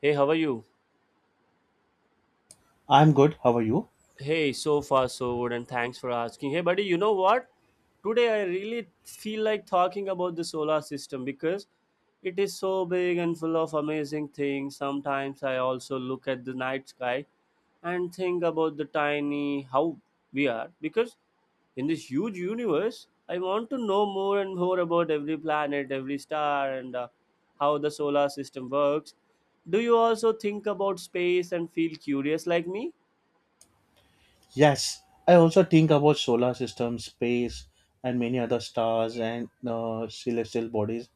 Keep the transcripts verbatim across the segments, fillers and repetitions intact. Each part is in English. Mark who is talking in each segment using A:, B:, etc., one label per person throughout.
A: Hey, how are you?
B: I'm good. How are you?
A: Hey, so far so good, and thanks for asking. Hey, buddy, you know what? Today I really feel like talking about the solar system because it is so big and full of amazing things. Sometimes I also look at the night sky and think about the tiny how we are because in this huge universe, I want to know more and more about every planet, every star, and uh, how the solar system works. Do you also think about space and feel curious like me?
B: Yes, I also think about solar system, space, and many other stars and uh, celestial bodies.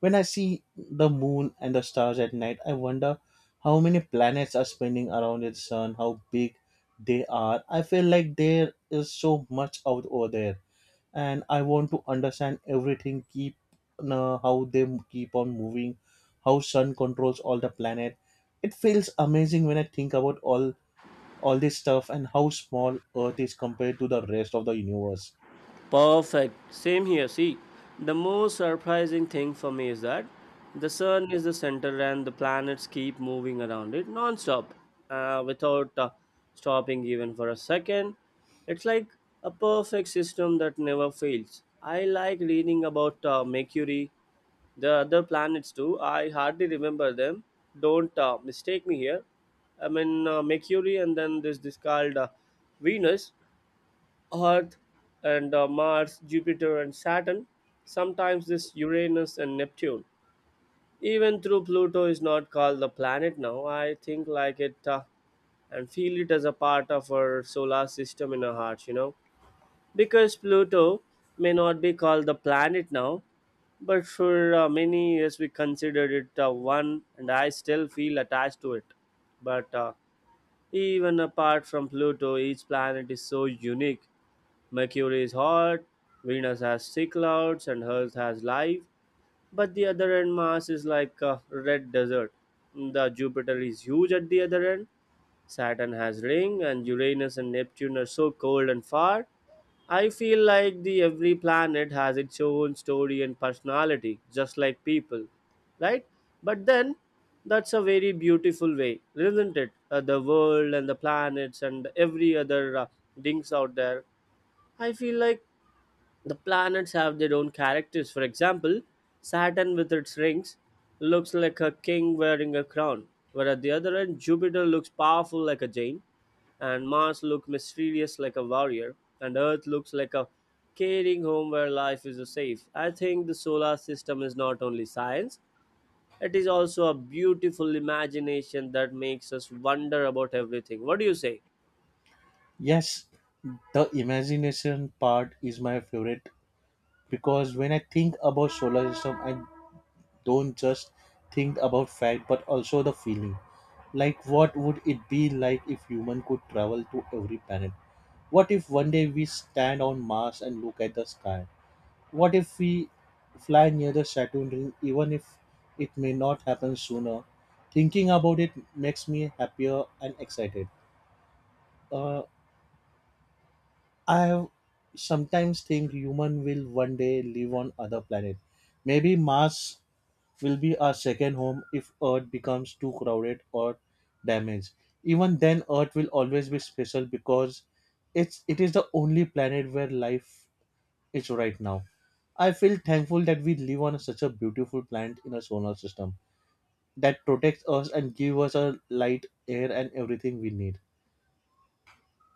B: When I see the moon and the stars at night, I wonder how many planets are spinning around its sun, how big they are. I feel like there is so much out over there, and I want to understand everything. Keep uh, how they keep on moving, how sun controls all the planet. It feels amazing when I think about all all this stuff and how small earth is compared to the rest of the universe.
A: Perfect. Same here. See, the most surprising thing for me is that the sun is the center and the planets keep moving around it non-stop uh, without uh, stopping even for a second. It's like a perfect system that never fails. I like reading about uh, Mercury, the other planets too. I hardly remember them. Don't uh, mistake me here. I mean uh, Mercury and then this this called uh, Venus. Earth and uh, Mars, Jupiter and Saturn. Sometimes this Uranus and Neptune. Even though Pluto is not called the planet now, I think like it uh, and feel it as a part of our solar system in our hearts, you know. Because Pluto may not be called the planet now, but for uh, many years we considered it uh, one, and I still feel attached to it. But uh, Even apart from Pluto, each planet is so unique. Mercury is hot, Venus has thick clouds, and Earth has life. But the other end, Mars is like a red desert. The Jupiter is huge at the other end. Saturn has ring, and Uranus and Neptune are so cold and far. I feel like the every planet has its own story and personality, just like people, right? But then, that's a very beautiful way, isn't it? Uh, the world and the planets and every other uh, things out there. I feel like the planets have their own characters. For example, Saturn with its rings looks like a king wearing a crown, where at the other end, Jupiter looks powerful like a giant, and Mars looks mysterious like a warrior, and Earth looks like a caring home where life is safe. I think the solar system is not only science, it is also a beautiful imagination that makes us wonder about everything. What do you say?
B: Yes, the imagination part is my favorite, because when I think about solar system, I don't just think about fact but also the feeling. Like, what would it be like if human could travel to every planet? What if one day we stand on Mars and look at the sky? What if we fly near the Saturn ring, even if it may not happen sooner? Thinking about it makes me happier and excited. Uh, I have sometimes think human will one day live on other planet. Maybe Mars will be our second home if Earth becomes too crowded or damaged. Even then, Earth will always be special because it's it is the only planet where life it's right now. I feel thankful that we live on such a beautiful planet in a solar system that protects us and gives us a light, air, and everything we need.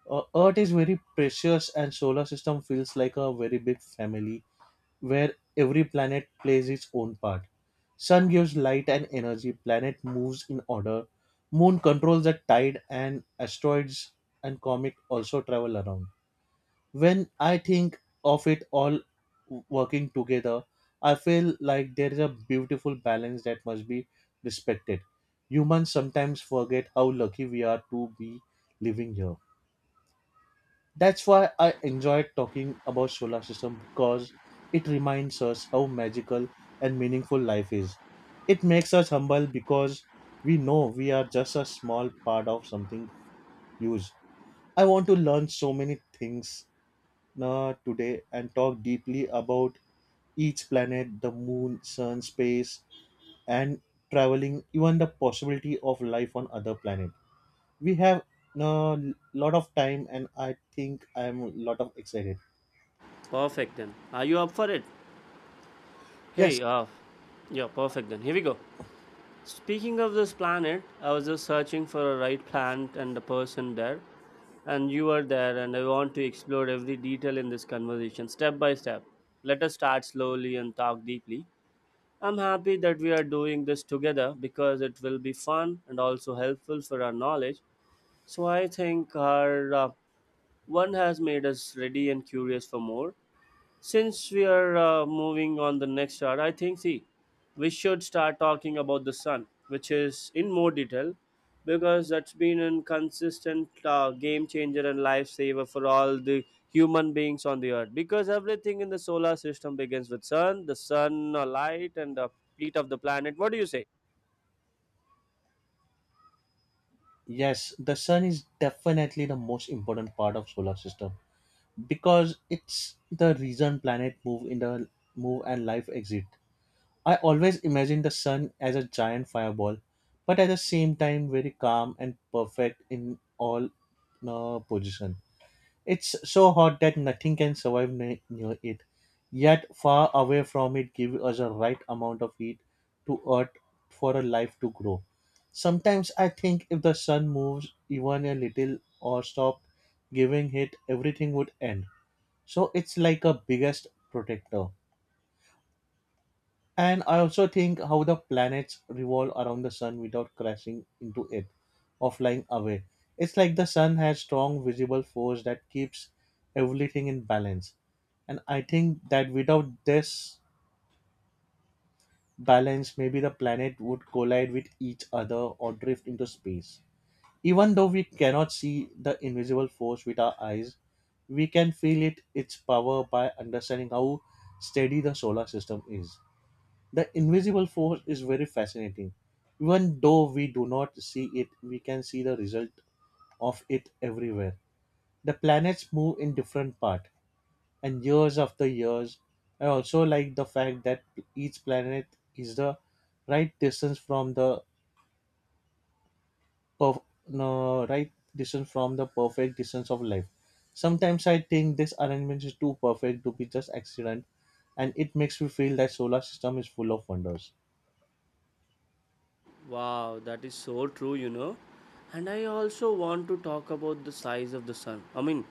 B: Uh, Earth is very precious, and solar system feels like a very big family where every planet plays its own part. Sun gives light and energy, planet moves in order, moon controls the tide, and asteroids and comet also travel around. When I think of it all working together, I feel like there is a beautiful balance that must be respected. Humans sometimes forget how lucky we are to be living here. That's why I enjoyed talking about solar system because it reminds us how magical and meaningful life is. It makes us humble because we know we are just a small part of something huge. I want to learn so many things uh, today and talk deeply about each planet, the moon, sun, space, and traveling, even the possibility of life on other planet. We have a lot of time, and I think I'm a lot of excited.
A: Perfect then. Are you up for it?
B: Yes,
A: Hey, uh, yeah, perfect then. Here we go. Speaking of this planet, I was just searching for a right plant and a person there, and you are there, and I want to explore every detail in this conversation step by step. Let us start slowly and talk deeply. I'm happy that we are doing this together because it will be fun and also helpful for our knowledge. So I think our uh, one has made us ready and curious for more, since we are uh, moving on the next hour, I think see, we should start talking about the sun, which is in more detail, because that's been a consistent uh, game changer and lifesaver for all the human beings on the earth. Because everything in the solar system begins with sun, the sun, uh, light, and the heat of the planet. What do you say?
B: yes, the sun is definitely the most important part of solar system because it's the reason planet move in the move and life exist. I always imagine the sun as a giant fireball, but at the same time very calm and perfect in all uh, position. It's so hot that nothing can survive ne- near it. Yet far away from it gives us a right amount of heat to earth for a life to grow. Sometimes I think if the sun moves even a little or stopped giving it, everything would end. So it's like a biggest protector. And I also think how the planets revolve around the sun without crashing into it or flying away. It's like the sun has strong visible force that keeps everything in balance. And I think that without this balance, maybe the planet would collide with each other or drift into space. Even though we cannot see the invisible force with our eyes, we can feel it its power by understanding how steady the solar system is. The invisible force is very fascinating. Even though we do not see it, we can see the result of it everywhere. The planets move in different parts, and years after years. I also like the fact that each planet is the right distance from the perf- no, right distance from the perfect distance of life. Sometimes I think this arrangement is too perfect to be just accident, and it makes me feel that solar system is full of wonders.
A: Wow, that is so true, you know. And I also want to talk about the size of the sun. I mean,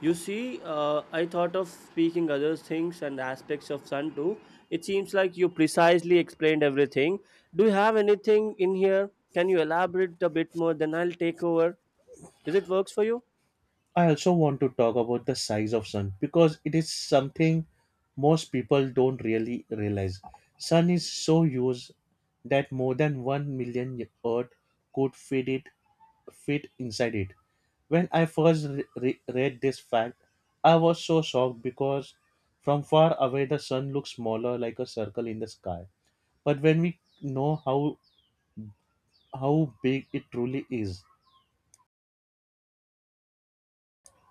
A: you see, uh, I thought of speaking other things and aspects of sun too. It seems like you precisely explained everything. Do you have anything in here? Can you elaborate a bit more? Then I'll take over. Is it works for you?
B: I also want to talk about the size of sun because it is something most people don't really realize. Sun is so huge that more than 1 million earth could fit it fit inside it. When I first re- re- read this fact, I was so shocked because from far away the sun looks smaller like a circle in the sky. But when we know how how big it truly is,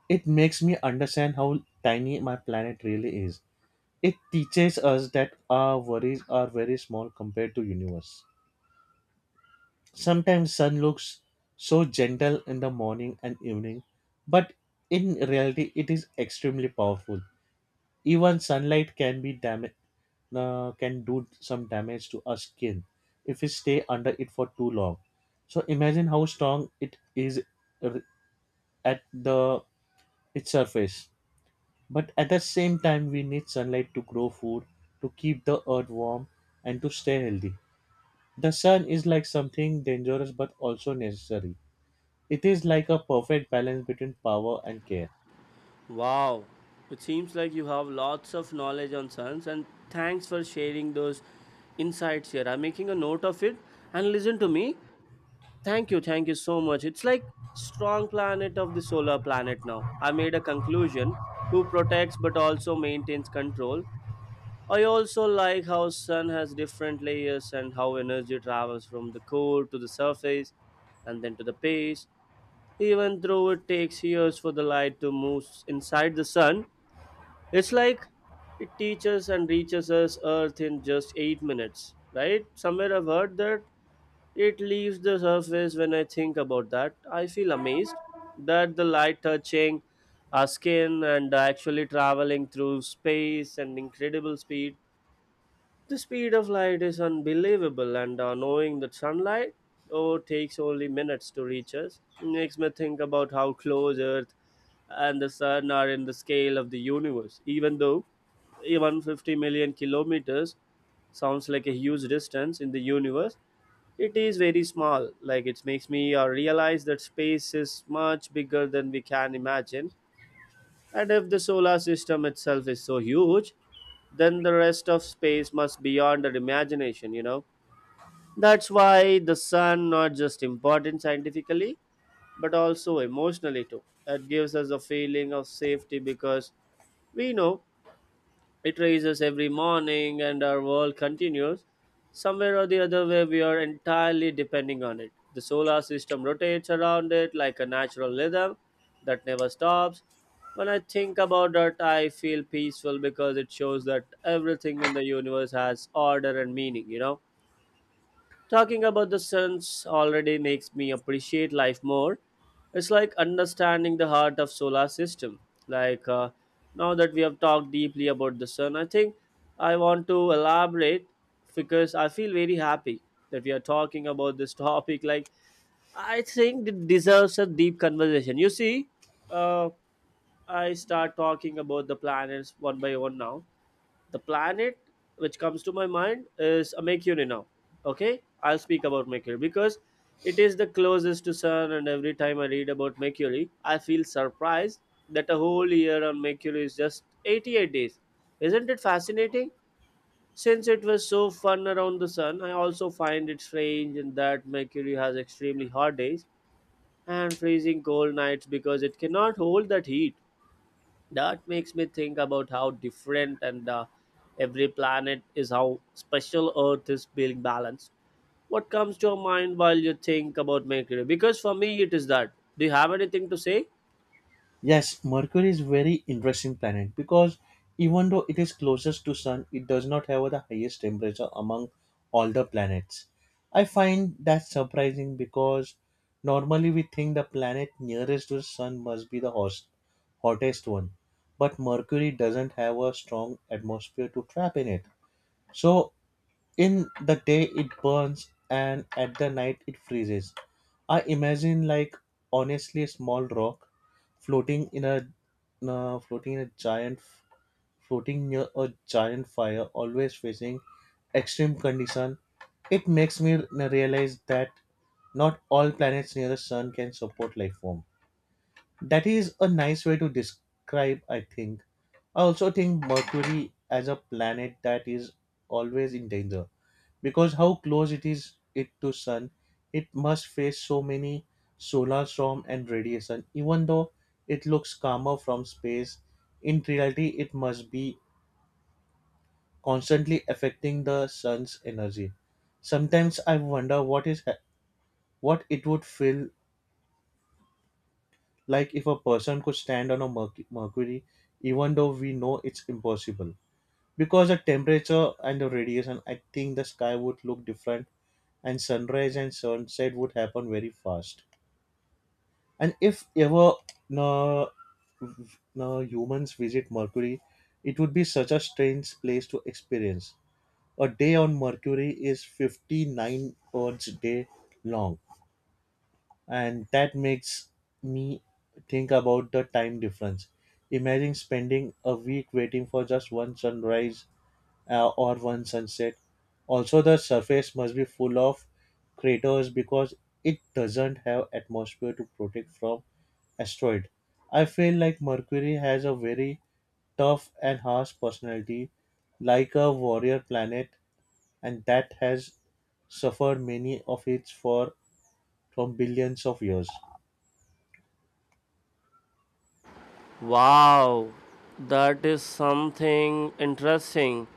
B: it makes me understand how tiny my planet really is. It teaches us that our worries are very small compared to universe. Sometimes sun looks so gentle in the morning and evening, but in reality it is extremely powerful. Even sunlight can be dam, uh, can do some damage to our skin if we stay under it for too long. So imagine how strong it is r- at the its surface. But at the same time, we need sunlight to grow food, to keep the earth warm, and to stay healthy. The sun is like something dangerous but also necessary. It is like a perfect balance between power and care.
A: Wow, it seems like you have lots of knowledge on suns, and thanks for sharing those insights here. I'm making a note of it and listen to me. Thank you, thank you so much. It's like strong planet of the solar planet now. I made a conclusion who protects but also maintains control. I also like how sun has different layers and how energy travels from the core to the surface and then to the base. Even though it takes years for the light to move inside the sun, it's like it teaches and reaches us Earth in just eight minutes, right? Somewhere I've heard that it leaves the surface when I think about that. I feel amazed that the light touching our skin and actually traveling through space and incredible speed the speed of light is unbelievable, and uh, knowing that sunlight oh, takes only minutes to reach us makes me think about how close Earth and the sun are in the scale of the universe. Even though even fifty million kilometers sounds like a huge distance in the universe, it is very small. Like it makes me uh, realize that space is much bigger than we can imagine, and if the solar system itself is so huge, then the rest of space must be beyond our imagination, you know. That's why the sun not just important scientifically, but also emotionally too. It gives us a feeling of safety because we know it rises every morning and our world continues. Somewhere or the other way, we are entirely depending on it. The solar system rotates around it like a natural rhythm that never stops. When I think about that, I feel peaceful because it shows that everything in the universe has order and meaning, you know? Talking about the suns already makes me appreciate life more. It's like understanding the heart of solar system. Like uh, Now that we have talked deeply about the sun, I think I want to elaborate because I feel very happy that we are talking about this topic. Like I think it deserves a deep conversation. You see, uh, I start talking about the planets one by one now the planet which comes to my mind is a Mercury now. Okay, I'll speak about Mercury because it is the closest to Sun, and every time I read about Mercury, I feel surprised that a whole year on Mercury is just eighty-eight days. Isn't it fascinating? Since it was so fun around the Sun, I also find it strange in that Mercury has extremely hot days and freezing cold nights because it cannot hold that heat, that makes me think about how different and uh, every planet is, how special earth is being balanced. What comes to your mind while you think about mercury? Because for me it is that. Do you have anything to say?
B: Yes, Mercury is very interesting planet because even though it is closest to Sun, it does not have the highest temperature among all the planets. I find that surprising because normally we think the planet nearest to the Sun must be the hos- hottest one, but Mercury doesn't have a strong atmosphere to trap in it. So in the day it burns and at the night it freezes. I imagine like honestly a small rock floating in a uh, floating in a giant floating near a giant fire, always facing extreme condition. It makes me n- realize that not all planets near the sun can support life form. That is a nice way to describe I think. I also think Mercury as a planet that is always in danger because how close it is it to sun, it must face so many solar storm and radiation. Even though it looks calmer from space, in reality it must be constantly affecting the sun's energy. Sometimes I wonder what is what it would feel like if a person could stand on a merc- mercury, even though we know it's impossible because the temperature and the radiation. I think the sky would look different, and sunrise and sunset would happen very fast. And if ever no, no humans visit Mercury, it would be such a strange place to experience. A day on Mercury is fifty-nine Earth's day long, and that makes me think about the time difference. Imagine spending a week waiting for just one sunrise uh, or one sunset. Also, the surface must be full of craters because it doesn't have atmosphere to protect from asteroid. I feel like Mercury has a very tough and harsh personality, like a warrior planet, and that has suffered many of its for from billions of years.
A: Wow, that is something interesting.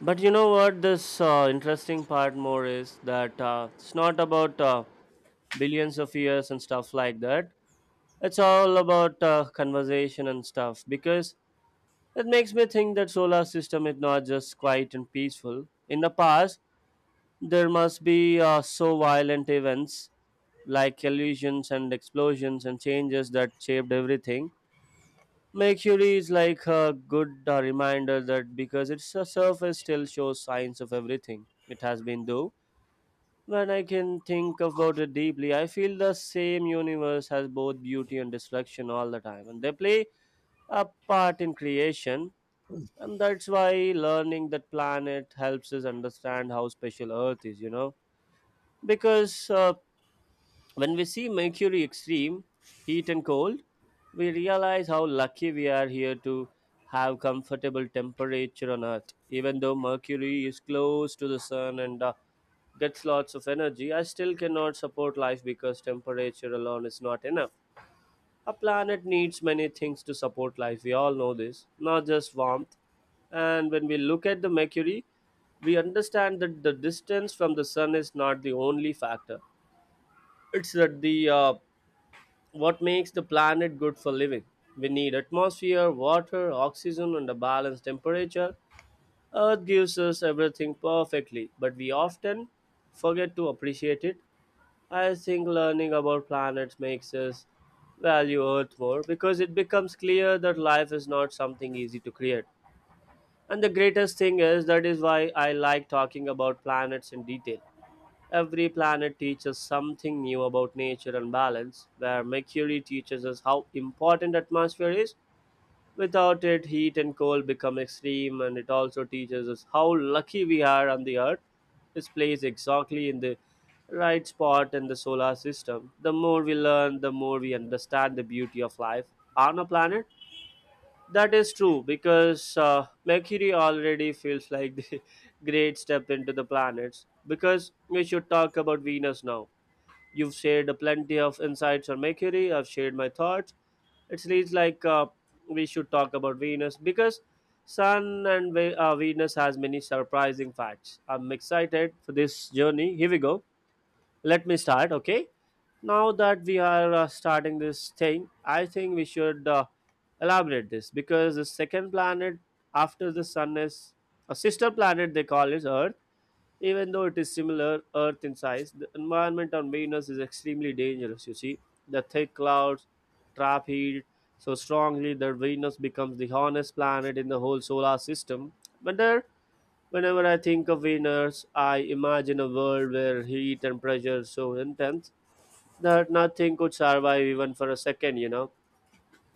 A: But you know what? This uh, interesting part more is that uh, it's not about uh, billions of years and stuff like that. It's all about uh, conversation and stuff because that makes me think that solar system is not just quiet and peaceful. In the past, there must be uh, so violent events like collisions and explosions and changes that shaped everything. Mercury is like a good uh, reminder that, because its uh, surface still shows signs of everything it has been though. When I can think about it deeply, I feel the same universe has both beauty and destruction all the time, and they play a part in creation, and that's why learning that planet helps us understand how special earth is, you know, because uh, when we see mercury extreme heat and cold, we realize how lucky we are here to have comfortable temperature on earth. Even though mercury is close to the sun and uh, gets lots of energy, I still cannot support life because temperature alone is not enough. A planet needs many things to support life. We all know this, not just warmth. And when we look at the Mercury, we understand that the distance from the sun is not the only factor. It's that the uh, what makes the planet good for living. We need atmosphere, water, oxygen, and a balanced temperature. Earth gives us everything perfectly, but we often forget to appreciate it. I think learning about planets makes us value Earth more because it becomes clear that life is not something easy to create. And the greatest thing is that is why I like talking about planets in detail. Every planet teaches something new about nature and balance, where Mercury teaches us how important atmosphere is. Without it, heat and cold become extreme, and it also teaches us how lucky we are on the Earth. This plays exactly in the right spot in the solar system. The more we learn, the more we understand the beauty of life on a planet. That is true because uh, Mercury already feels like the great step into the planets. Because we should talk about Venus now. You've shared plenty of insights on Mercury, I've shared my thoughts. It seems like uh, we should talk about Venus because Sun and Ve- uh, Venus has many surprising facts. I'm excited for this journey. Here we go, let me start, okay. Now that we are uh, starting this thing, I think we should uh, elaborate this because the second planet after the sun is a sister planet, they call it earth. Even though it is similar earth in size, the environment on venus is extremely dangerous, you see. The thick clouds trap heat so strongly that venus becomes the hottest planet in the whole solar system. But there, whenever I think of Venus, I imagine a world where heat and pressure is so intense that nothing could survive even for a second, you know.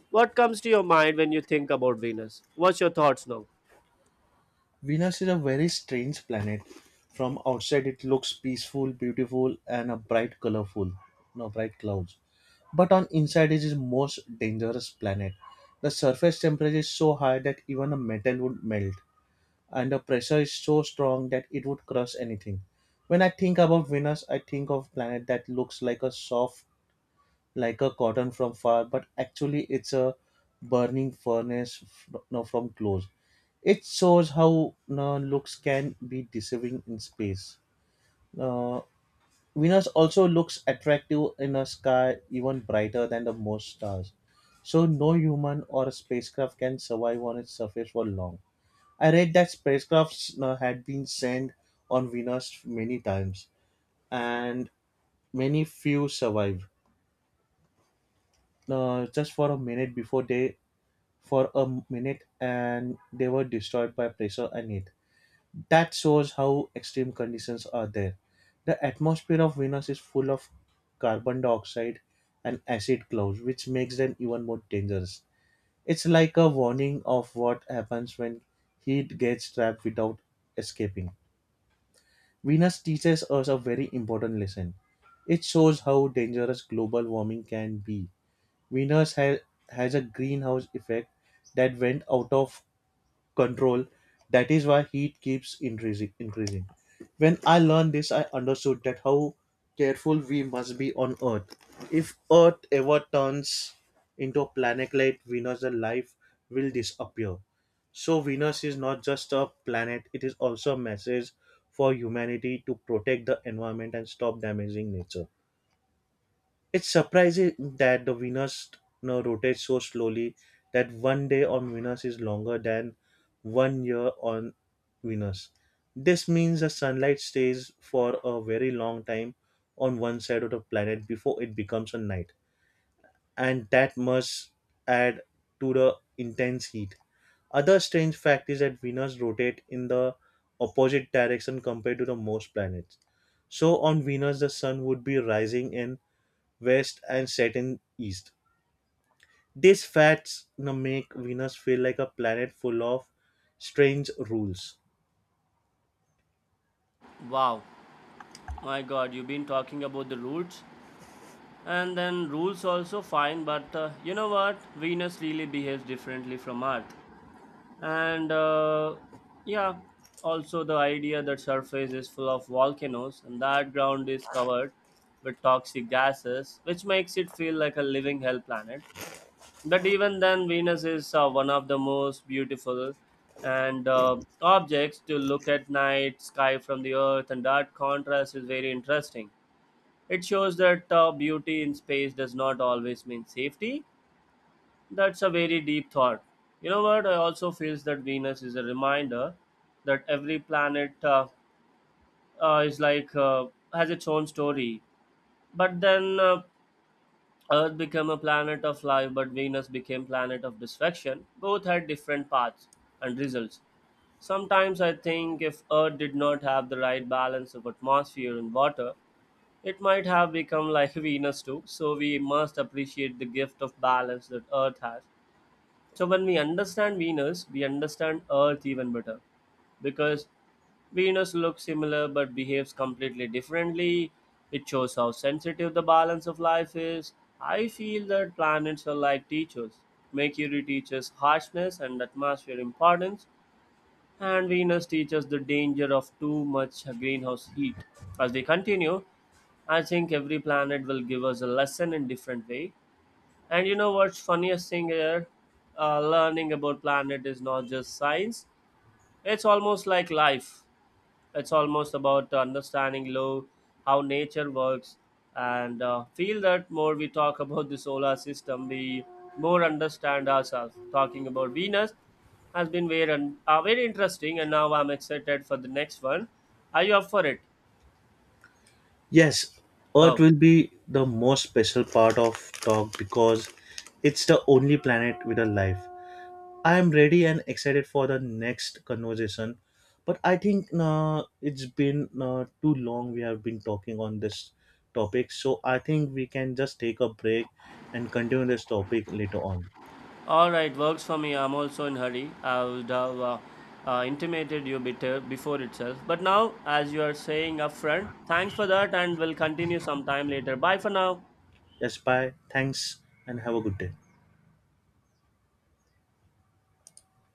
A: What comes to your mind when you think about Venus? What's your thoughts now?
B: Venus is a very strange planet. From outside, it looks peaceful, beautiful, and a bright, colorful, no bright clouds. But on inside, it is the most dangerous planet. The surface temperature is so high that even a metal would melt, and the pressure is so strong that it would crush anything. When I think about Venus, I think of planet that looks like a soft, like a cotton from far, but actually it's a burning furnace f- no, from close. It shows how no, looks can be deceiving in space. Uh, Venus also looks attractive in a sky even brighter than the most stars. So no human or spacecraft can survive on its surface for long. I read that spacecrafts uh, had been sent on Venus many times, and many few survived. Uh, just for a minute before they, for a minute, and they were destroyed by pressure and heat. That shows how extreme conditions are there. The atmosphere of Venus is full of carbon dioxide and acid clouds, which makes them even more dangerous. It's like a warning of what happens when heat gets trapped without escaping. Venus teaches us a very important lesson. It shows how dangerous global warming can be. Venus ha- has a greenhouse effect that went out of control. That is why heat keeps increasing. Increasing. When I learned this, I understood that how careful we must be on Earth. If Earth ever turns into a planet like Venus, the life will disappear. So Venus is not just a planet; it is also a message for humanity to protect the environment and stop damaging nature. It's surprising that the Venus you know, rotates so slowly that one day on Venus is longer than one year on Venus. This means the sunlight stays for a very long time on one side of the planet before it becomes a night, and that must add to the intense heat. Other strange fact is that Venus rotate in the opposite direction compared to the most planets. So on Venus, the sun would be rising in west and Saturn east. These facts you know, make Venus feel like a planet full of strange rules.
A: Wow, my God, you've been talking about the roots, and then rules also fine, but uh, you know what? Venus really behaves differently from Earth. and uh, yeah, also the idea that surface is full of volcanoes and that ground is covered with toxic gases, which makes it feel like a living hell planet. But even then venus is uh, one of the most beautiful and uh, objects to look at night sky from the earth, and that contrast is very interesting. It shows that uh, beauty in space does not always mean safety. That's a very deep thought. You know what? I also feels that Venus is a reminder that every planet uh, uh, is like uh, has its own story. But then uh, Earth became a planet of life, but Venus became planet of destruction. Both had different paths and results. Sometimes I think if Earth did not have the right balance of atmosphere and water, it might have become like Venus too. So we must appreciate the gift of balance that Earth has, so when we understand Venus, we understand Earth even better because Venus looks similar but behaves completely differently. It shows how sensitive the balance of life is. I feel that planets are like teachers. Mercury teaches harshness and atmosphere importance, and Venus teaches the danger of too much greenhouse heat. As we continue, I think every planet will give us a lesson in different way. And you know what's funniest thing here? Uh, learning about planet is not just science. It's almost like life. It's almost about understanding low, how nature works, and uh, feel that more we talk about the solar system, we more understand ourselves. Talking about Venus has been very, un- uh, very interesting, and now I'm excited for the next one. Are you up for it?
B: Yes, Earth
A: Oh.
B: will be the most special part of talk because it's the only planet with a life. I am ready and excited for the next conversation, but I think uh, it's been uh, too long we have been talking on this topic, so I think we can just take a break and continue this topic later on.
A: All right, works for me. I'm also in hurry. I would have uh, uh, intimated you better before itself. But now, as you are saying upfront, thanks for that, and we'll continue sometime later. Bye for now.
B: Yes, bye. Thanks and have a good day.